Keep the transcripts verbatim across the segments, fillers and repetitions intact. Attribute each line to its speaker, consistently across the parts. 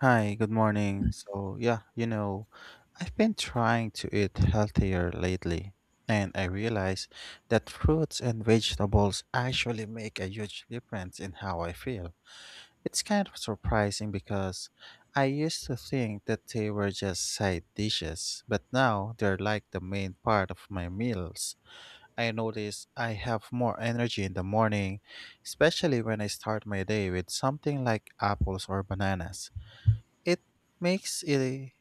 Speaker 1: Hi, good morning. So, yeah, you know, I've been trying to eat healthier lately, and I realize that fruits and vegetables actually make a huge difference in how I feel. It's kind of surprising because I used to think that they were just side dishes, but now they're like the main part of my meals. I notice I have more energy in the morning, especially when I start my day with something like apples or bananas. It makes it,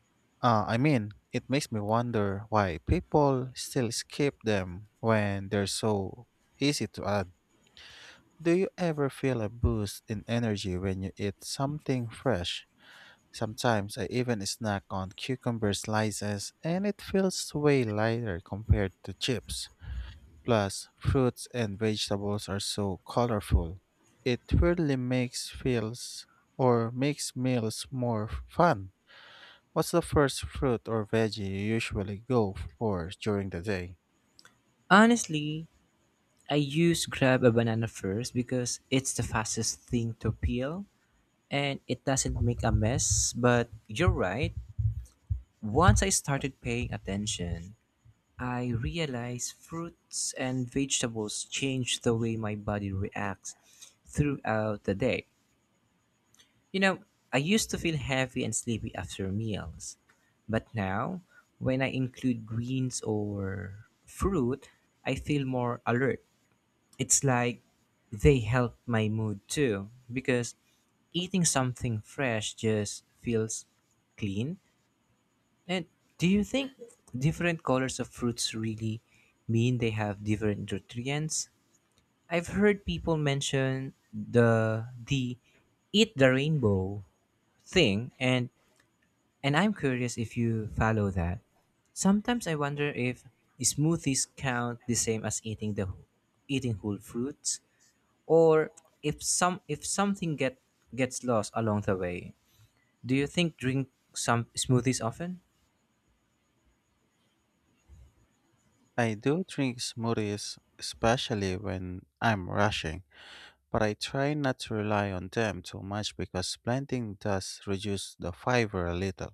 Speaker 1: uh, I mean, it makes me wonder why people still skip them when they're so easy to add. Do you ever feel a boost in energy when you eat something fresh? Sometimes I even snack on cucumber slices and it feels way lighter compared to chips. Plus, fruits and vegetables are so colorful. It really makes feels or makes meals more fun. What's the first fruit or veggie you usually go for during the day?
Speaker 2: Honestly, I use grab a banana first because it's the fastest thing to peel and it doesn't make a mess. But you're right, once I started paying attention, I realized fruits and vegetables change the way my body reacts throughout the day. You know, I used to feel heavy and sleepy after meals, but now when I include greens or fruit, I feel more alert. It's like they help my mood too because eating something fresh just feels clean. And do you think different colors of fruits really mean they have different nutrients? I've heard people mention the the eat the rainbow thing, and and I'm curious if you follow that. Sometimes I wonder if smoothies count the same as eating the eating whole fruits, or if some if something get gets lost along the way. Do you think drink some smoothies often?
Speaker 1: I do drink smoothies, especially when I'm rushing, but I try not to rely on them too much because blending does reduce the fiber a little.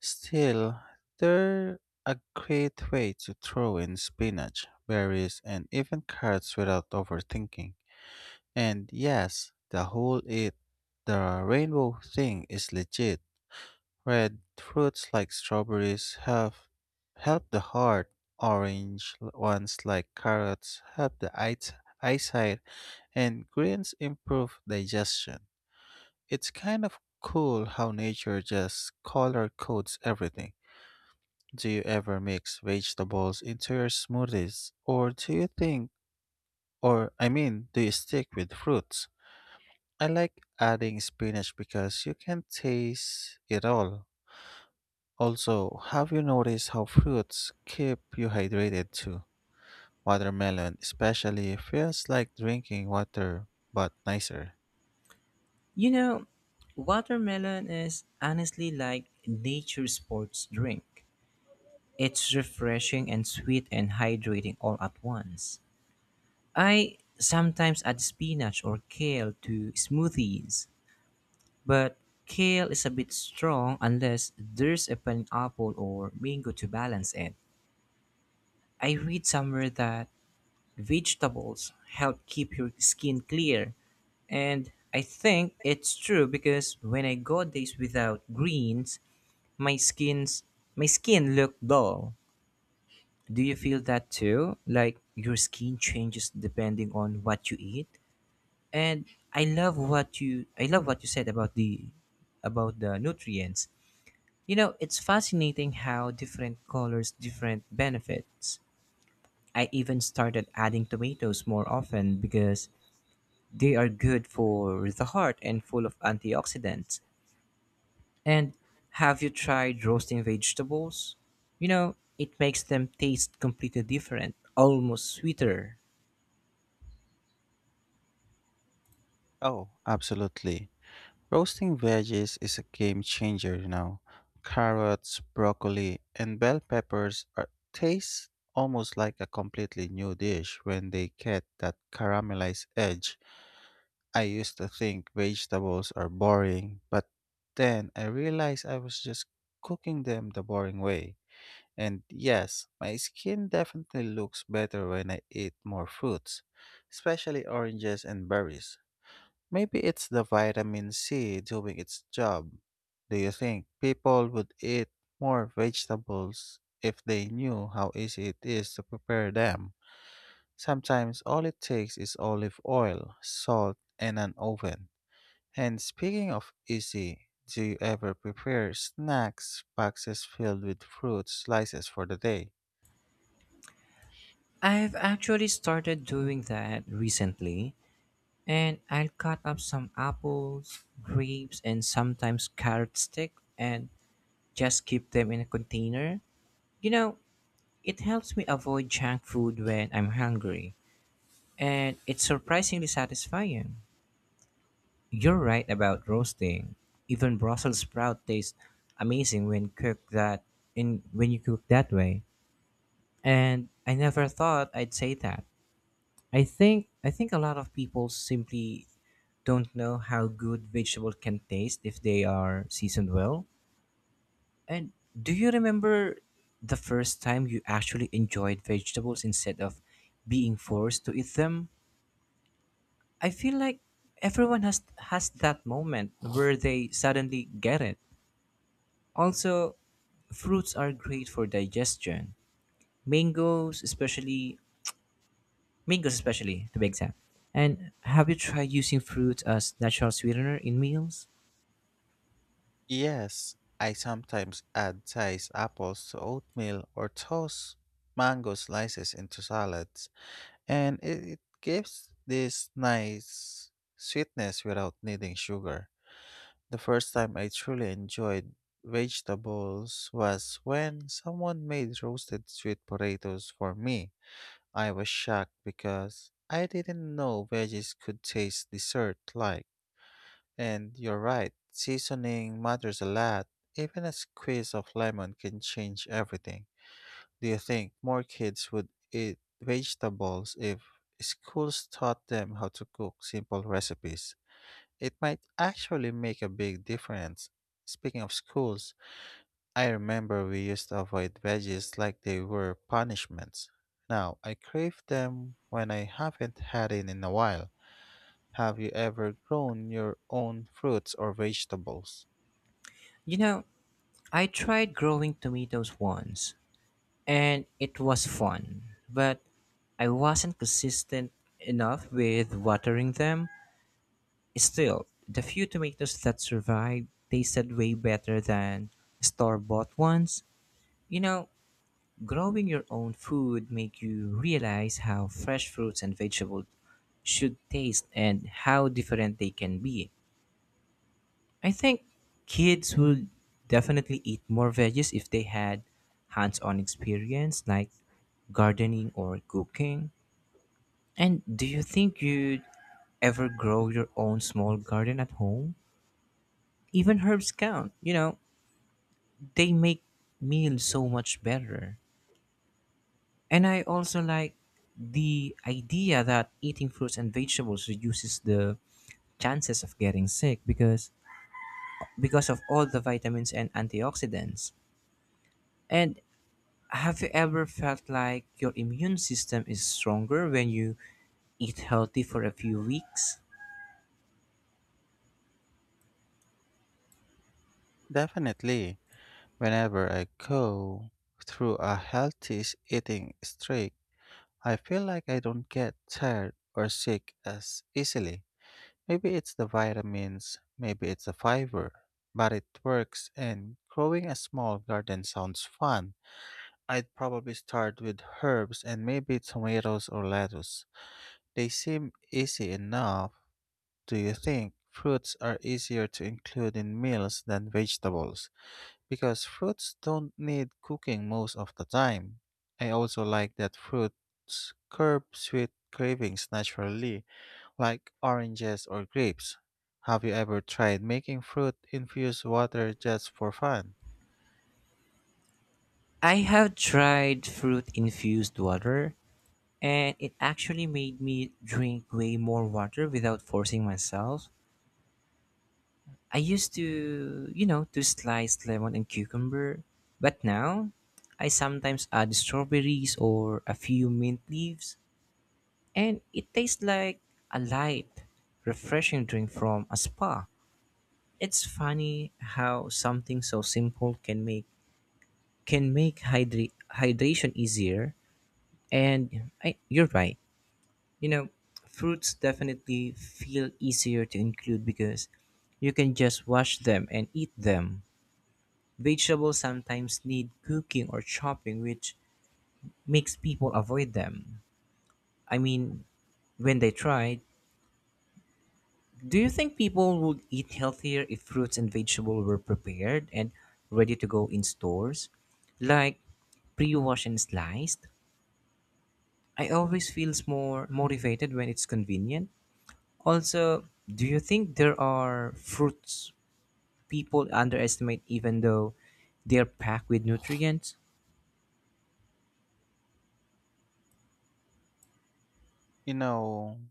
Speaker 1: Still, they're a great way to throw in spinach, berries, and even carrots without overthinking. And yes, the whole eat the rainbow thing is legit. Red fruits like strawberries have help the heart, orange l- ones like carrots help the eyes- eyesight, and greens improve digestion. It's kind of cool how nature just color codes everything. Do you ever mix vegetables into your smoothies, or do you think or I mean, do you stick with fruits? I like adding spinach because you can taste it all. Also, have you noticed how fruits keep you hydrated too? Watermelon, especially, feels like drinking water, but nicer.
Speaker 2: You know, watermelon is honestly like nature's sports drink. It's refreshing and sweet and hydrating all at once. I sometimes add spinach or kale to smoothies, but kale is a bit strong unless there's a pineapple or mango to balance it. I read somewhere that vegetables help keep your skin clear. And I think it's true because when I go days without greens, my skin's my skin look dull. Do you feel that too? Like your skin changes depending on what you eat? And I love what you I love what you said about the about the nutrients. You know, it's fascinating how different colors different benefits. I even started adding tomatoes more often because they are good for the heart and full of antioxidants. And have you tried roasting vegetables? You know, it makes them taste completely different, almost sweeter.
Speaker 1: Oh, absolutely. Roasting veggies is a game changer now. Carrots, broccoli, and bell peppers are, taste almost like a completely new dish when they get that caramelized edge. I used to think vegetables are boring, but then I realized I was just cooking them the boring way. And yes, my skin definitely looks better when I eat more fruits, especially oranges and berries. Maybe it's the vitamin C doing its job. Do you think people would eat more vegetables if they knew how easy it is to prepare them? Sometimes all it takes is olive oil, salt, and an oven. And speaking of easy, do you ever prepare snacks boxes filled with fruit slices for the day?
Speaker 2: I've actually started doing that recently, and I'll cut up some apples, grapes, and sometimes carrot stick and just keep them in a container. You know, it helps me avoid junk food when I'm hungry, and it's surprisingly satisfying. You're right about roasting. Even Brussels sprout tastes amazing when cooked that in when you cook that way. And I never thought I'd say that. I think I think a lot of people simply don't know how good vegetables can taste if they are seasoned well. And do you remember the first time you actually enjoyed vegetables instead of being forced to eat them? I feel like everyone has has that moment where they suddenly get it. Also, fruits are great for digestion. Mangoes, especially mangoes, especially to be exact. And have you tried using fruit as natural sweetener in meals?
Speaker 1: Yes, I sometimes add sliced apples to oatmeal or toast mango slices into salads, and it, it gives this nice sweetness without needing sugar. The first time I truly enjoyed vegetables was when someone made roasted sweet potatoes for me. I was shocked because I didn't know veggies could taste dessert like. And you're right, seasoning matters a lot. Even a squeeze of lemon can change everything. Do you think more kids would eat vegetables if schools taught them how to cook simple recipes? It might actually make a big difference. Speaking of schools, I remember we used to avoid veggies like they were punishments. Now, I crave them when I haven't had it in a while. Have you ever grown your own fruits or vegetables?
Speaker 2: You know, I tried growing tomatoes once, and it was fun, but I wasn't consistent enough with watering them. Still, the few tomatoes that survived tasted way better than store bought ones. You know, growing your own food make you realize how fresh fruits and vegetables should taste and how different they can be. I think kids would definitely eat more veggies if they had hands-on experience like gardening or cooking. And do you think you'd ever grow your own small garden at home? Even herbs count. You know, they make meals so much better. And I also like the idea that eating fruits and vegetables reduces the chances of getting sick because because of all the vitamins and antioxidants. And have you ever felt like your immune system is stronger when you eat healthy for a few weeks?
Speaker 1: Definitely, whenever I go through a healthy s- eating streak, I feel like I don't get tired or sick as easily. Maybe it's the vitamins, maybe it's the fiber, but it works, and growing a small garden sounds fun. I'd probably start with herbs and maybe tomatoes or lettuce. They seem easy enough. Do you think fruits are easier to include in meals than vegetables? Because fruits don't need cooking most of the time. I also like that fruits curb sweet cravings naturally, like oranges or grapes. Have you ever tried making fruit infused water just for fun?
Speaker 2: I have tried fruit infused water and it actually made me drink way more water without forcing myself. I used to, you know, to slice lemon and cucumber, but now I sometimes add strawberries or a few mint leaves, and it tastes like a light, refreshing drink from a spa. It's funny how something so simple can make can make hydra- hydration easier. And I, you're right. You know, fruits definitely feel easier to include because you can just wash them and eat them. Vegetables sometimes need cooking or chopping, which makes people avoid them. I mean, when they try, do you think people would eat healthier if fruits and vegetables were prepared and ready to go in stores? Like pre-washed and sliced? I always feels more motivated when it's convenient. Also, do you think there are fruits people underestimate even though they're packed with nutrients?
Speaker 1: You know,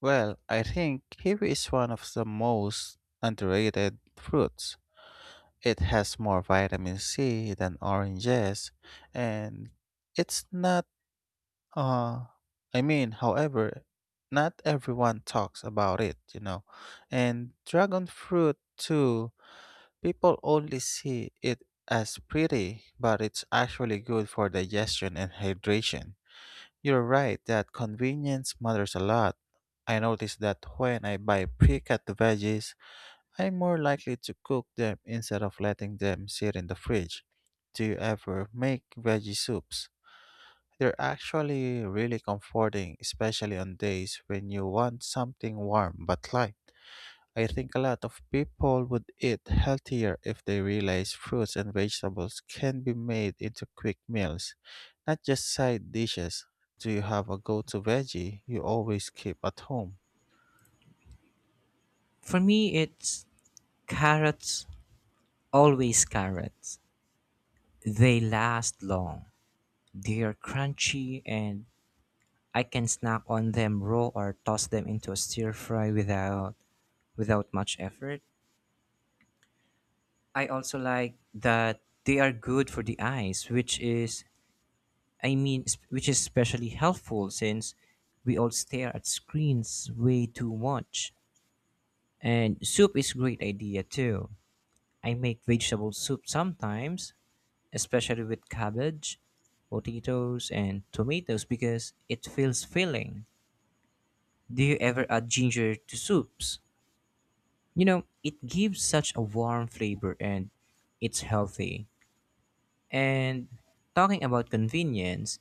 Speaker 1: well, I think kiwi is one of the most underrated fruits. It has more vitamin C than oranges, and it's not Uh, I mean, however, not everyone talks about it, you know. And dragon fruit, too, people only see it as pretty, but it's actually good for digestion and hydration. You're right that convenience matters a lot. I notice that when I buy pre-cut veggies, I'm more likely to cook them instead of letting them sit in the fridge. Do you ever make veggie soups? They're actually really comforting, especially on days when you want something warm but light. I think a lot of people would eat healthier if they realize fruits and vegetables can be made into quick meals, not just side dishes. Do you have a go to veggie you always keep at home?
Speaker 2: For me, it's carrots. Always carrots. They last long. They're crunchy and I can snack on them raw or toss them into a stir fry without without much effort. I also like that they are good for the eyes, which is I mean sp- which is especially helpful since we all stare at screens way too much. And soup is a great idea too. I make vegetable soup sometimes, especially with cabbage, potatoes, and tomatoes because it feels filling. Do you ever add ginger to soups? You know, it gives such a warm flavor and it's healthy. And talking about convenience,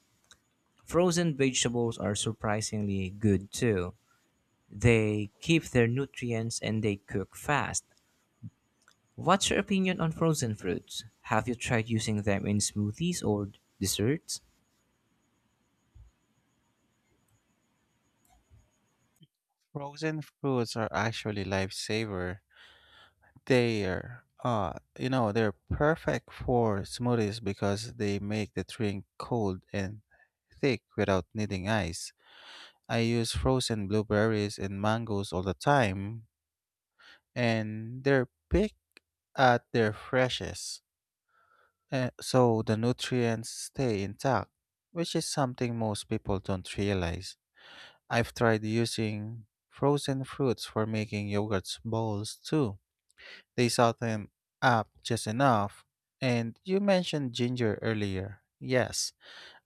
Speaker 2: frozen vegetables are surprisingly good too. They keep their nutrients and they cook fast. What's your opinion on frozen fruits? Have you tried using them in smoothies or desserts?
Speaker 1: Frozen fruits are actually lifesaver. They're, uh, you know, they're perfect for smoothies because they make the drink cold and thick without needing ice. I use frozen blueberries and mangoes all the time, and they're picked at their freshest, uh, so the nutrients stay intact, which is something most people don't realize. I've tried using frozen fruits for making yogurt bowls too. They saw them up just enough. And you mentioned ginger earlier. Yes,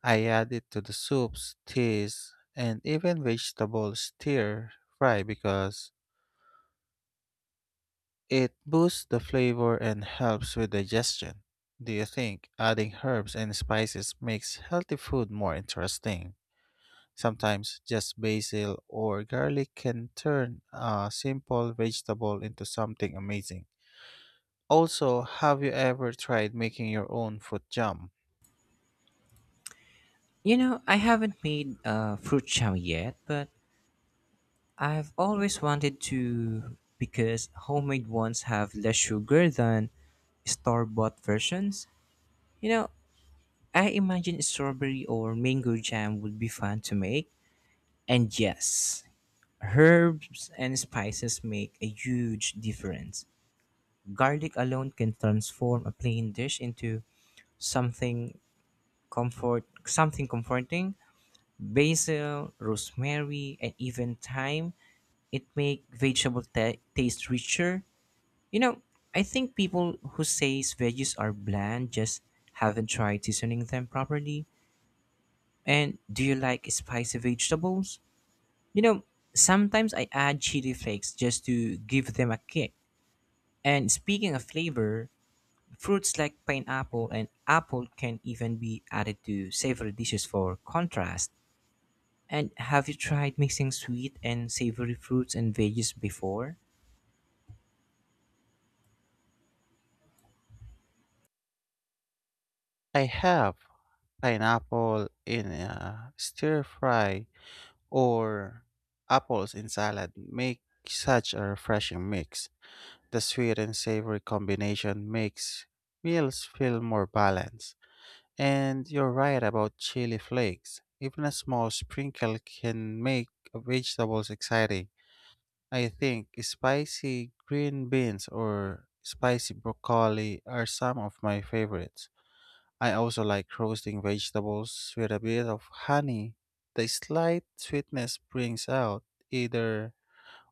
Speaker 1: I add it to the soups, teas, and even vegetable stir fry because it boosts the flavor and helps with digestion. Do you think adding herbs and spices makes healthy food more interesting? Sometimes just basil or garlic can turn a simple vegetable into something amazing. Also, have you ever tried making your own fruit jam?
Speaker 2: You know, I haven't made uh, fruit chow yet, but I've always wanted to because homemade ones have less sugar than store bought versions. You know, I imagine strawberry or mango jam would be fun to make. And yes, herbs and spices make a huge difference. Garlic alone can transform a plain dish into something comfort something comforting. Basil, rosemary, and even thyme it make vegetable ta taste richer. You know, I think people who says veggies are bland just haven't tried seasoning them properly. And do you like spicy vegetables? You know, sometimes I add chili flakes just to give them a kick. And speaking of flavor, fruits like pineapple and apple can even be added to savory dishes for contrast. And have you tried mixing sweet and savory fruits and veggies before?
Speaker 1: I have pineapple in a stir fry or apples in salad make such a refreshing mix. The sweet and savory combination makes meals feel more balanced. And you're right about chili flakes. Even a small sprinkle can make vegetables exciting. I think spicy green beans or spicy broccoli are some of my favorites. I also like roasting vegetables with a bit of honey. The slight sweetness brings out either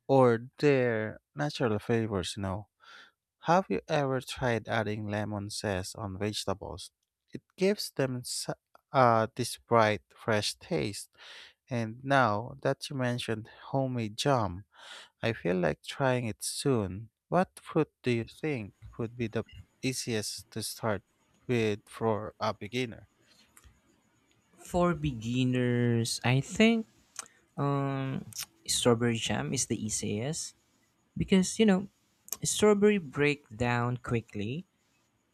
Speaker 1: or their natural flavors, you know. Have you ever tried adding lemon zest on vegetables? It gives them s- uh, this bright, fresh taste. And now that you mentioned homemade jam, I feel like trying it soon. What fruit do you think would be the easiest to start with for a beginner?
Speaker 2: For beginners, I think um, strawberry jam is the easiest because you know strawberry break down quickly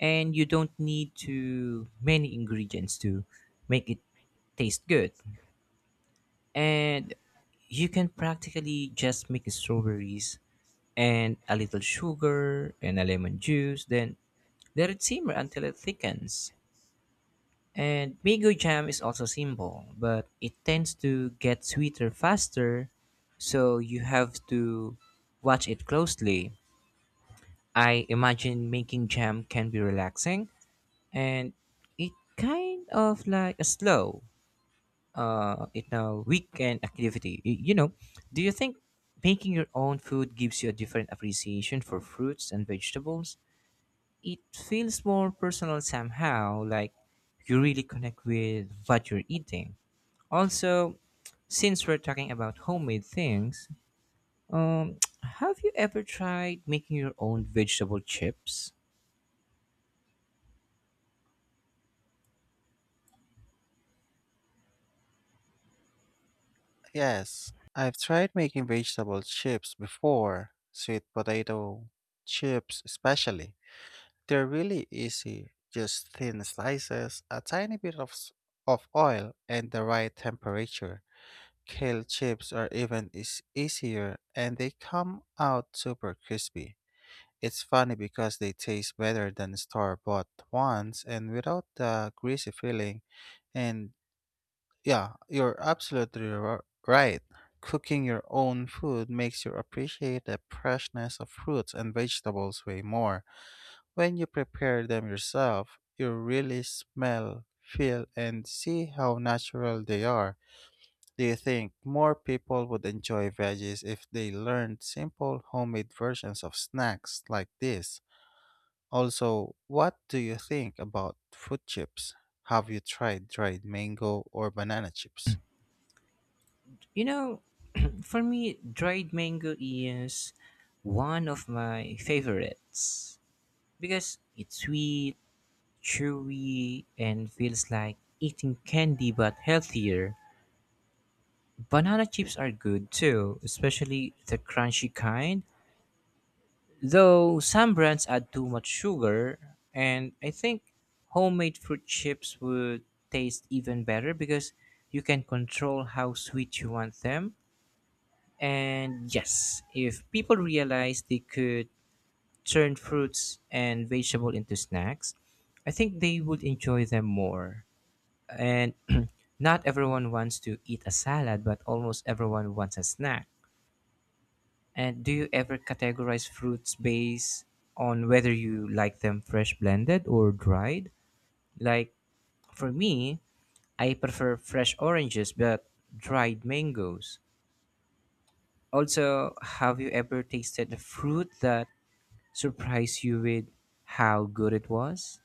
Speaker 2: and you don't need to many ingredients to make it taste good. And you can practically just make strawberries and a little sugar and a lemon juice, then let it simmer until it thickens. And mango jam is also simple, but it tends to get sweeter faster, so you have to watch it closely. I imagine making jam can be relaxing and it kind of like a slow uh you know weekend activity. Y- You know, do you think making your own food gives you a different appreciation for fruits and vegetables? It feels more personal somehow, like you really connect with what you're eating. Also, since we're talking about homemade things, um, have you ever tried making your own vegetable chips?
Speaker 1: Yes, I've tried making vegetable chips before, sweet potato chips especially. They're really easy, just thin slices, a tiny bit of, s- of oil, and the right temperature. Kale chips are even is easier and they come out super crispy. It's funny because they taste better than store-bought ones and without the greasy feeling. And yeah, you're absolutely ri- right. Cooking your own food makes you appreciate the freshness of fruits and vegetables way more. When you prepare them yourself, you really smell, feel, and see how natural they are. Do you think more people would enjoy veggies if they learned simple homemade versions of snacks like this? Also, what do you think about fruit chips? Have you tried dried mango or banana chips?
Speaker 2: You know, for me, dried mango is one of my favorites because it's sweet, chewy, and feels like eating candy but healthier. Banana chips are good too, especially the crunchy kind. Though some brands add too much sugar, and I think homemade fruit chips would taste even better because you can control how sweet you want them. And yes, if people realize they could turn fruits and vegetable into snacks, I think they would enjoy them more. And not everyone wants to eat a salad, but almost everyone wants a snack. And do you ever categorize fruits based on whether you like them fresh blended or dried? Like for me, I prefer fresh oranges but dried mangoes. Also, have you ever tasted a fruit that surprised you with how good it was?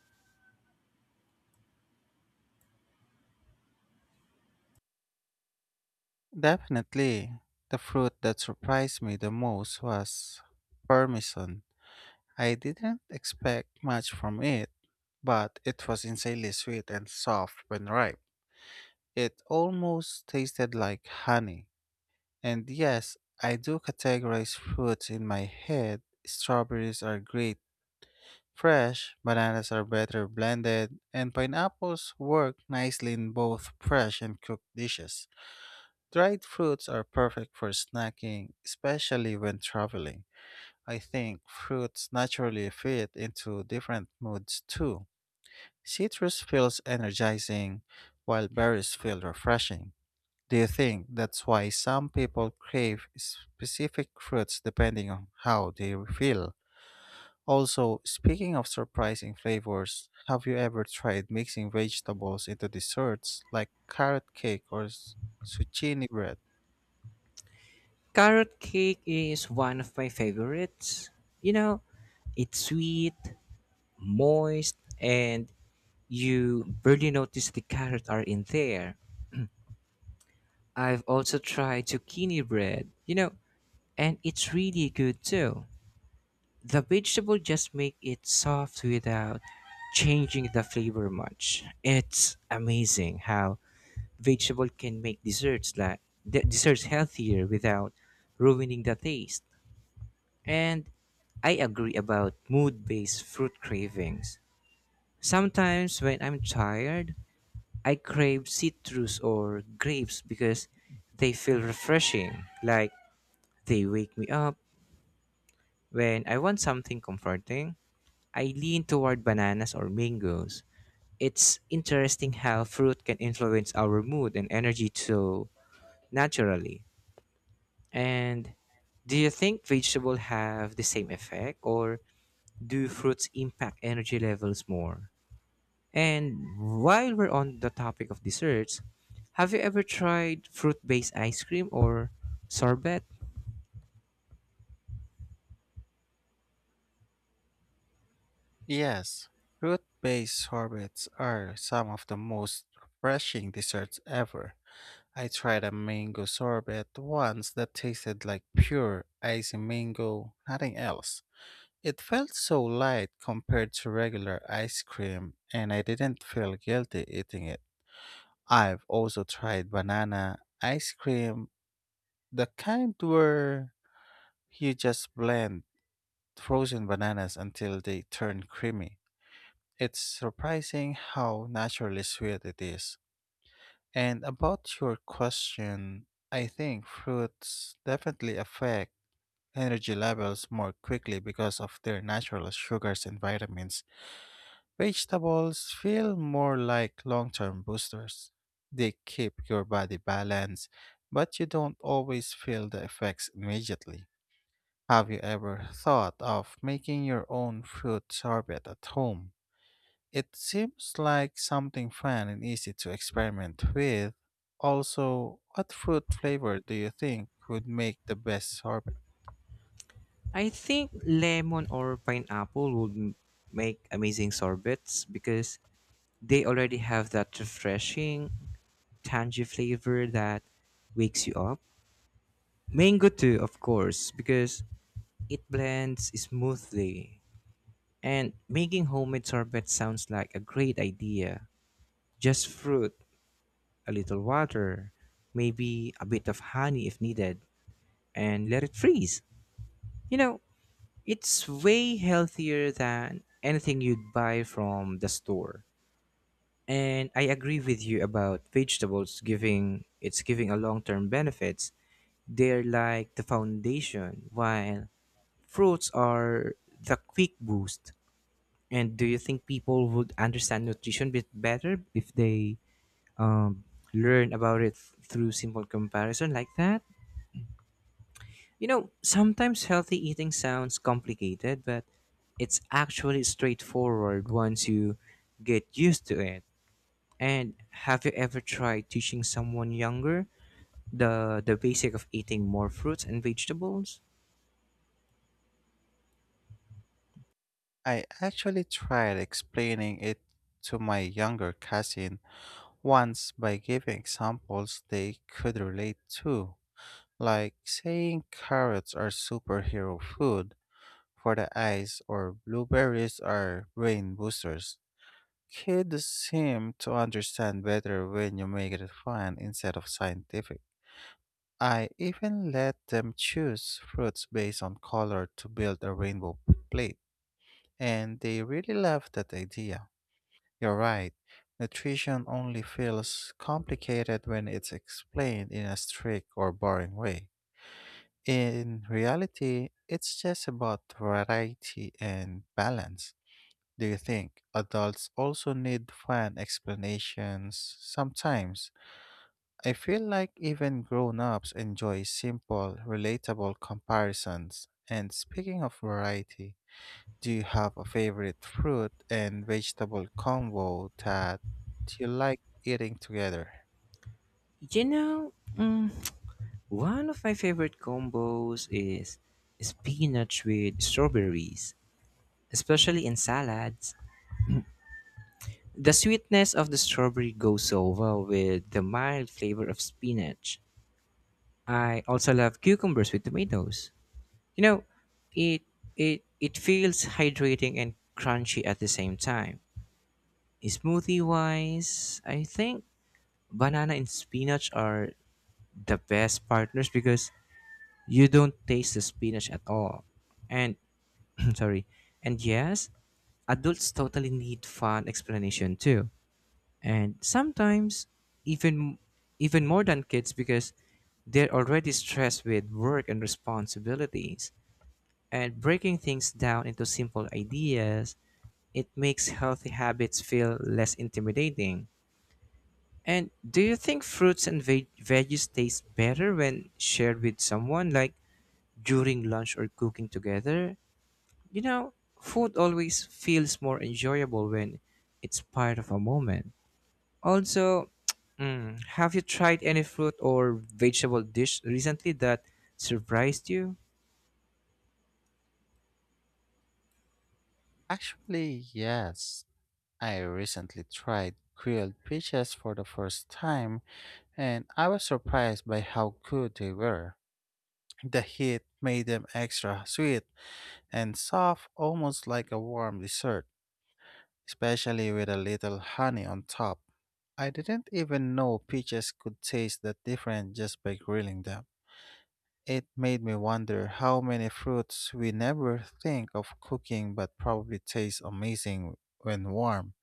Speaker 1: Definitely. The fruit that surprised me the most was parmesan. I didn't expect much from it, but it was insanely sweet and soft when ripe. It almost tasted like honey. And yes, I do categorize fruits in my head. Strawberries are great. Fresh bananas are better blended, and pineapples work nicely in both fresh and cooked dishes. Dried fruits are perfect for snacking, especially when traveling. I think fruits naturally fit into different moods too. Citrus feels energizing, while berries feel refreshing. Do you think that's why some people crave specific fruits depending on how they feel? Also, speaking of surprising flavors, have you ever tried mixing vegetables into desserts like carrot cake or s- zucchini bread?
Speaker 2: Carrot cake is one of my favorites. You know, it's sweet, moist, and you barely notice the carrot are in there. I've also tried zucchini bread, you know, and it's really good too. The vegetable just make it soft without changing the flavor much. It's amazing how vegetable can make desserts like de- desserts healthier without ruining the taste. And I agree about mood-based fruit cravings. Sometimes when I'm tired, I crave citrus or grapes because they feel refreshing, like they wake me up. When I want something comforting, I lean toward bananas or mangoes. It's interesting how fruit can influence our mood and energy so naturally. And do you think vegetables have the same effect or do fruits impact energy levels more? And while we're on the topic of desserts, have you ever tried fruit-based ice cream or sorbet?
Speaker 1: Yes, fruit based sorbets are some of the most refreshing desserts ever. I tried a mango sorbet once that tasted like pure icy mango, nothing else. It felt so light compared to regular ice cream, and I didn't feel guilty eating it. I've also tried banana ice cream, the kind where you just blend frozen bananas until they turn creamy. It's surprising how naturally sweet it is. And about your question, I think fruits definitely affect energy levels more quickly because of their natural sugars and vitamins. Vegetables feel more like long term boosters. They keep your body balanced, but you don't always feel the effects immediately. Have you ever thought of making your own fruit sorbet at home? It seems like something fun and easy to experiment with. Also, what fruit flavor do you think would make the best sorbet?
Speaker 2: I think lemon or pineapple would m- make amazing sorbets because they already have that refreshing, tangy flavor that wakes you up. Mango too, of course, because it blends smoothly. And making homemade sorbet sounds like a great idea. Just fruit, a little water, maybe a bit of honey if needed, and let it freeze. You know, it's way healthier than anything you'd buy from the store. And I agree with you about vegetables giving it's giving a long-term benefits. They're like the foundation while fruits are the quick boost. And do you think people would understand nutrition bit better if they um, learn about it through simple comparison like that? You know, sometimes healthy eating sounds complicated, but it's actually straightforward once you get used to it. And have you ever tried teaching someone younger the the basic of eating more fruits and vegetables?
Speaker 1: I actually tried explaining it to my younger cousin once, by giving examples they could relate to, like saying carrots are superhero food for the eyes or blueberries are brain boosters. Kids seem to understand better when you make it fun instead of scientific. I even let them choose fruits based on color to build a rainbow plate, and they really love that idea. You're right. Nutrition only feels complicated when it's explained in a strict or boring way. In reality, it's just about variety and balance. Do you think adults also need fun explanations sometimes? I feel like even grown ups enjoy simple, relatable comparisons. And speaking of variety, do you have a favorite fruit and vegetable combo that you like eating together?
Speaker 2: You know, mm, one of my favorite combos is spinach with strawberries, especially in salads. The sweetness of the strawberry goes so well with the mild flavor of spinach. I also love cucumbers with tomatoes. You know, it it it feels hydrating and crunchy at the same time. Smoothie wise, I think banana and spinach are the best partners because you don't taste the spinach at all. And sorry. And yes, adults totally need fun explanation too. And sometimes even even more than kids because they're already stressed with work and responsibilities. And breaking things down into simple ideas, it makes healthy habits feel less intimidating. And do you think fruits and veg- veggies taste better when shared with someone, like during lunch or cooking together? You know, food always feels more enjoyable when it's part of a moment. Also, mm, have you tried any fruit or vegetable dish recently that surprised you?
Speaker 1: Actually, yes. I recently tried grilled peaches for the first time and I was surprised by how good they were. The heat made them extra sweet and soft, almost like a warm dessert, especially with a little honey on top. I didn't even know peaches could taste that different just by grilling them. It made me wonder how many fruits we never think of cooking but probably taste amazing when warm.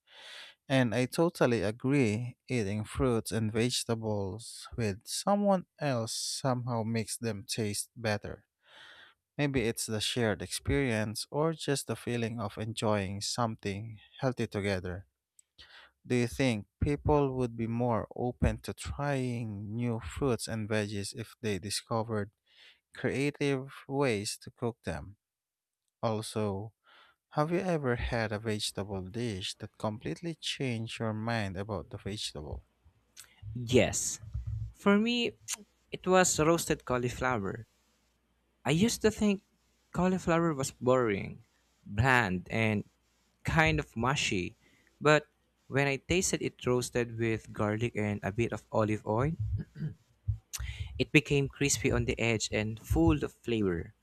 Speaker 1: And I totally agree, eating fruits and vegetables with someone else somehow makes them taste better. Maybe it's the shared experience or just the feeling of enjoying something healthy together. Do you think people would be more open to trying new fruits and veggies if they discovered creative ways to cook them? Also, have you ever had a vegetable dish that completely changed your mind about the vegetable?
Speaker 2: Yes. For me, it was roasted cauliflower. I used to think cauliflower was boring, bland, and kind of mushy. But when I tasted it roasted with garlic and a bit of olive oil, it became crispy on the edge and full of flavor.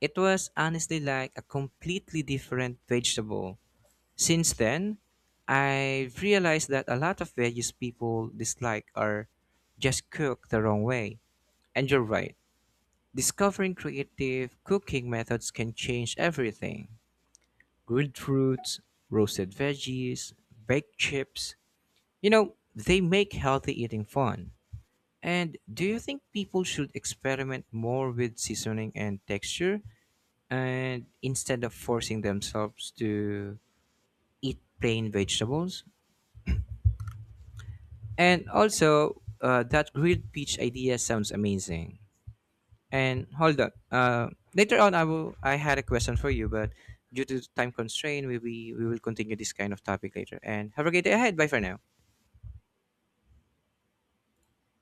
Speaker 2: It was honestly like a completely different vegetable. Since then, I've realized that a lot of veggies people dislike are just cooked the wrong way. And you're right, discovering creative cooking methods can change everything. Grilled fruits, roasted veggies, baked chips. You know, they make healthy eating fun. And do you think people should experiment more with seasoning and texture and instead of forcing themselves to eat plain vegetables? And also, uh, that grilled peach idea sounds amazing. And hold on. Uh, later on, I will. I had a question for you, but due to time constraint, we we, we will continue this kind of topic later. And have a great day ahead. Bye for now.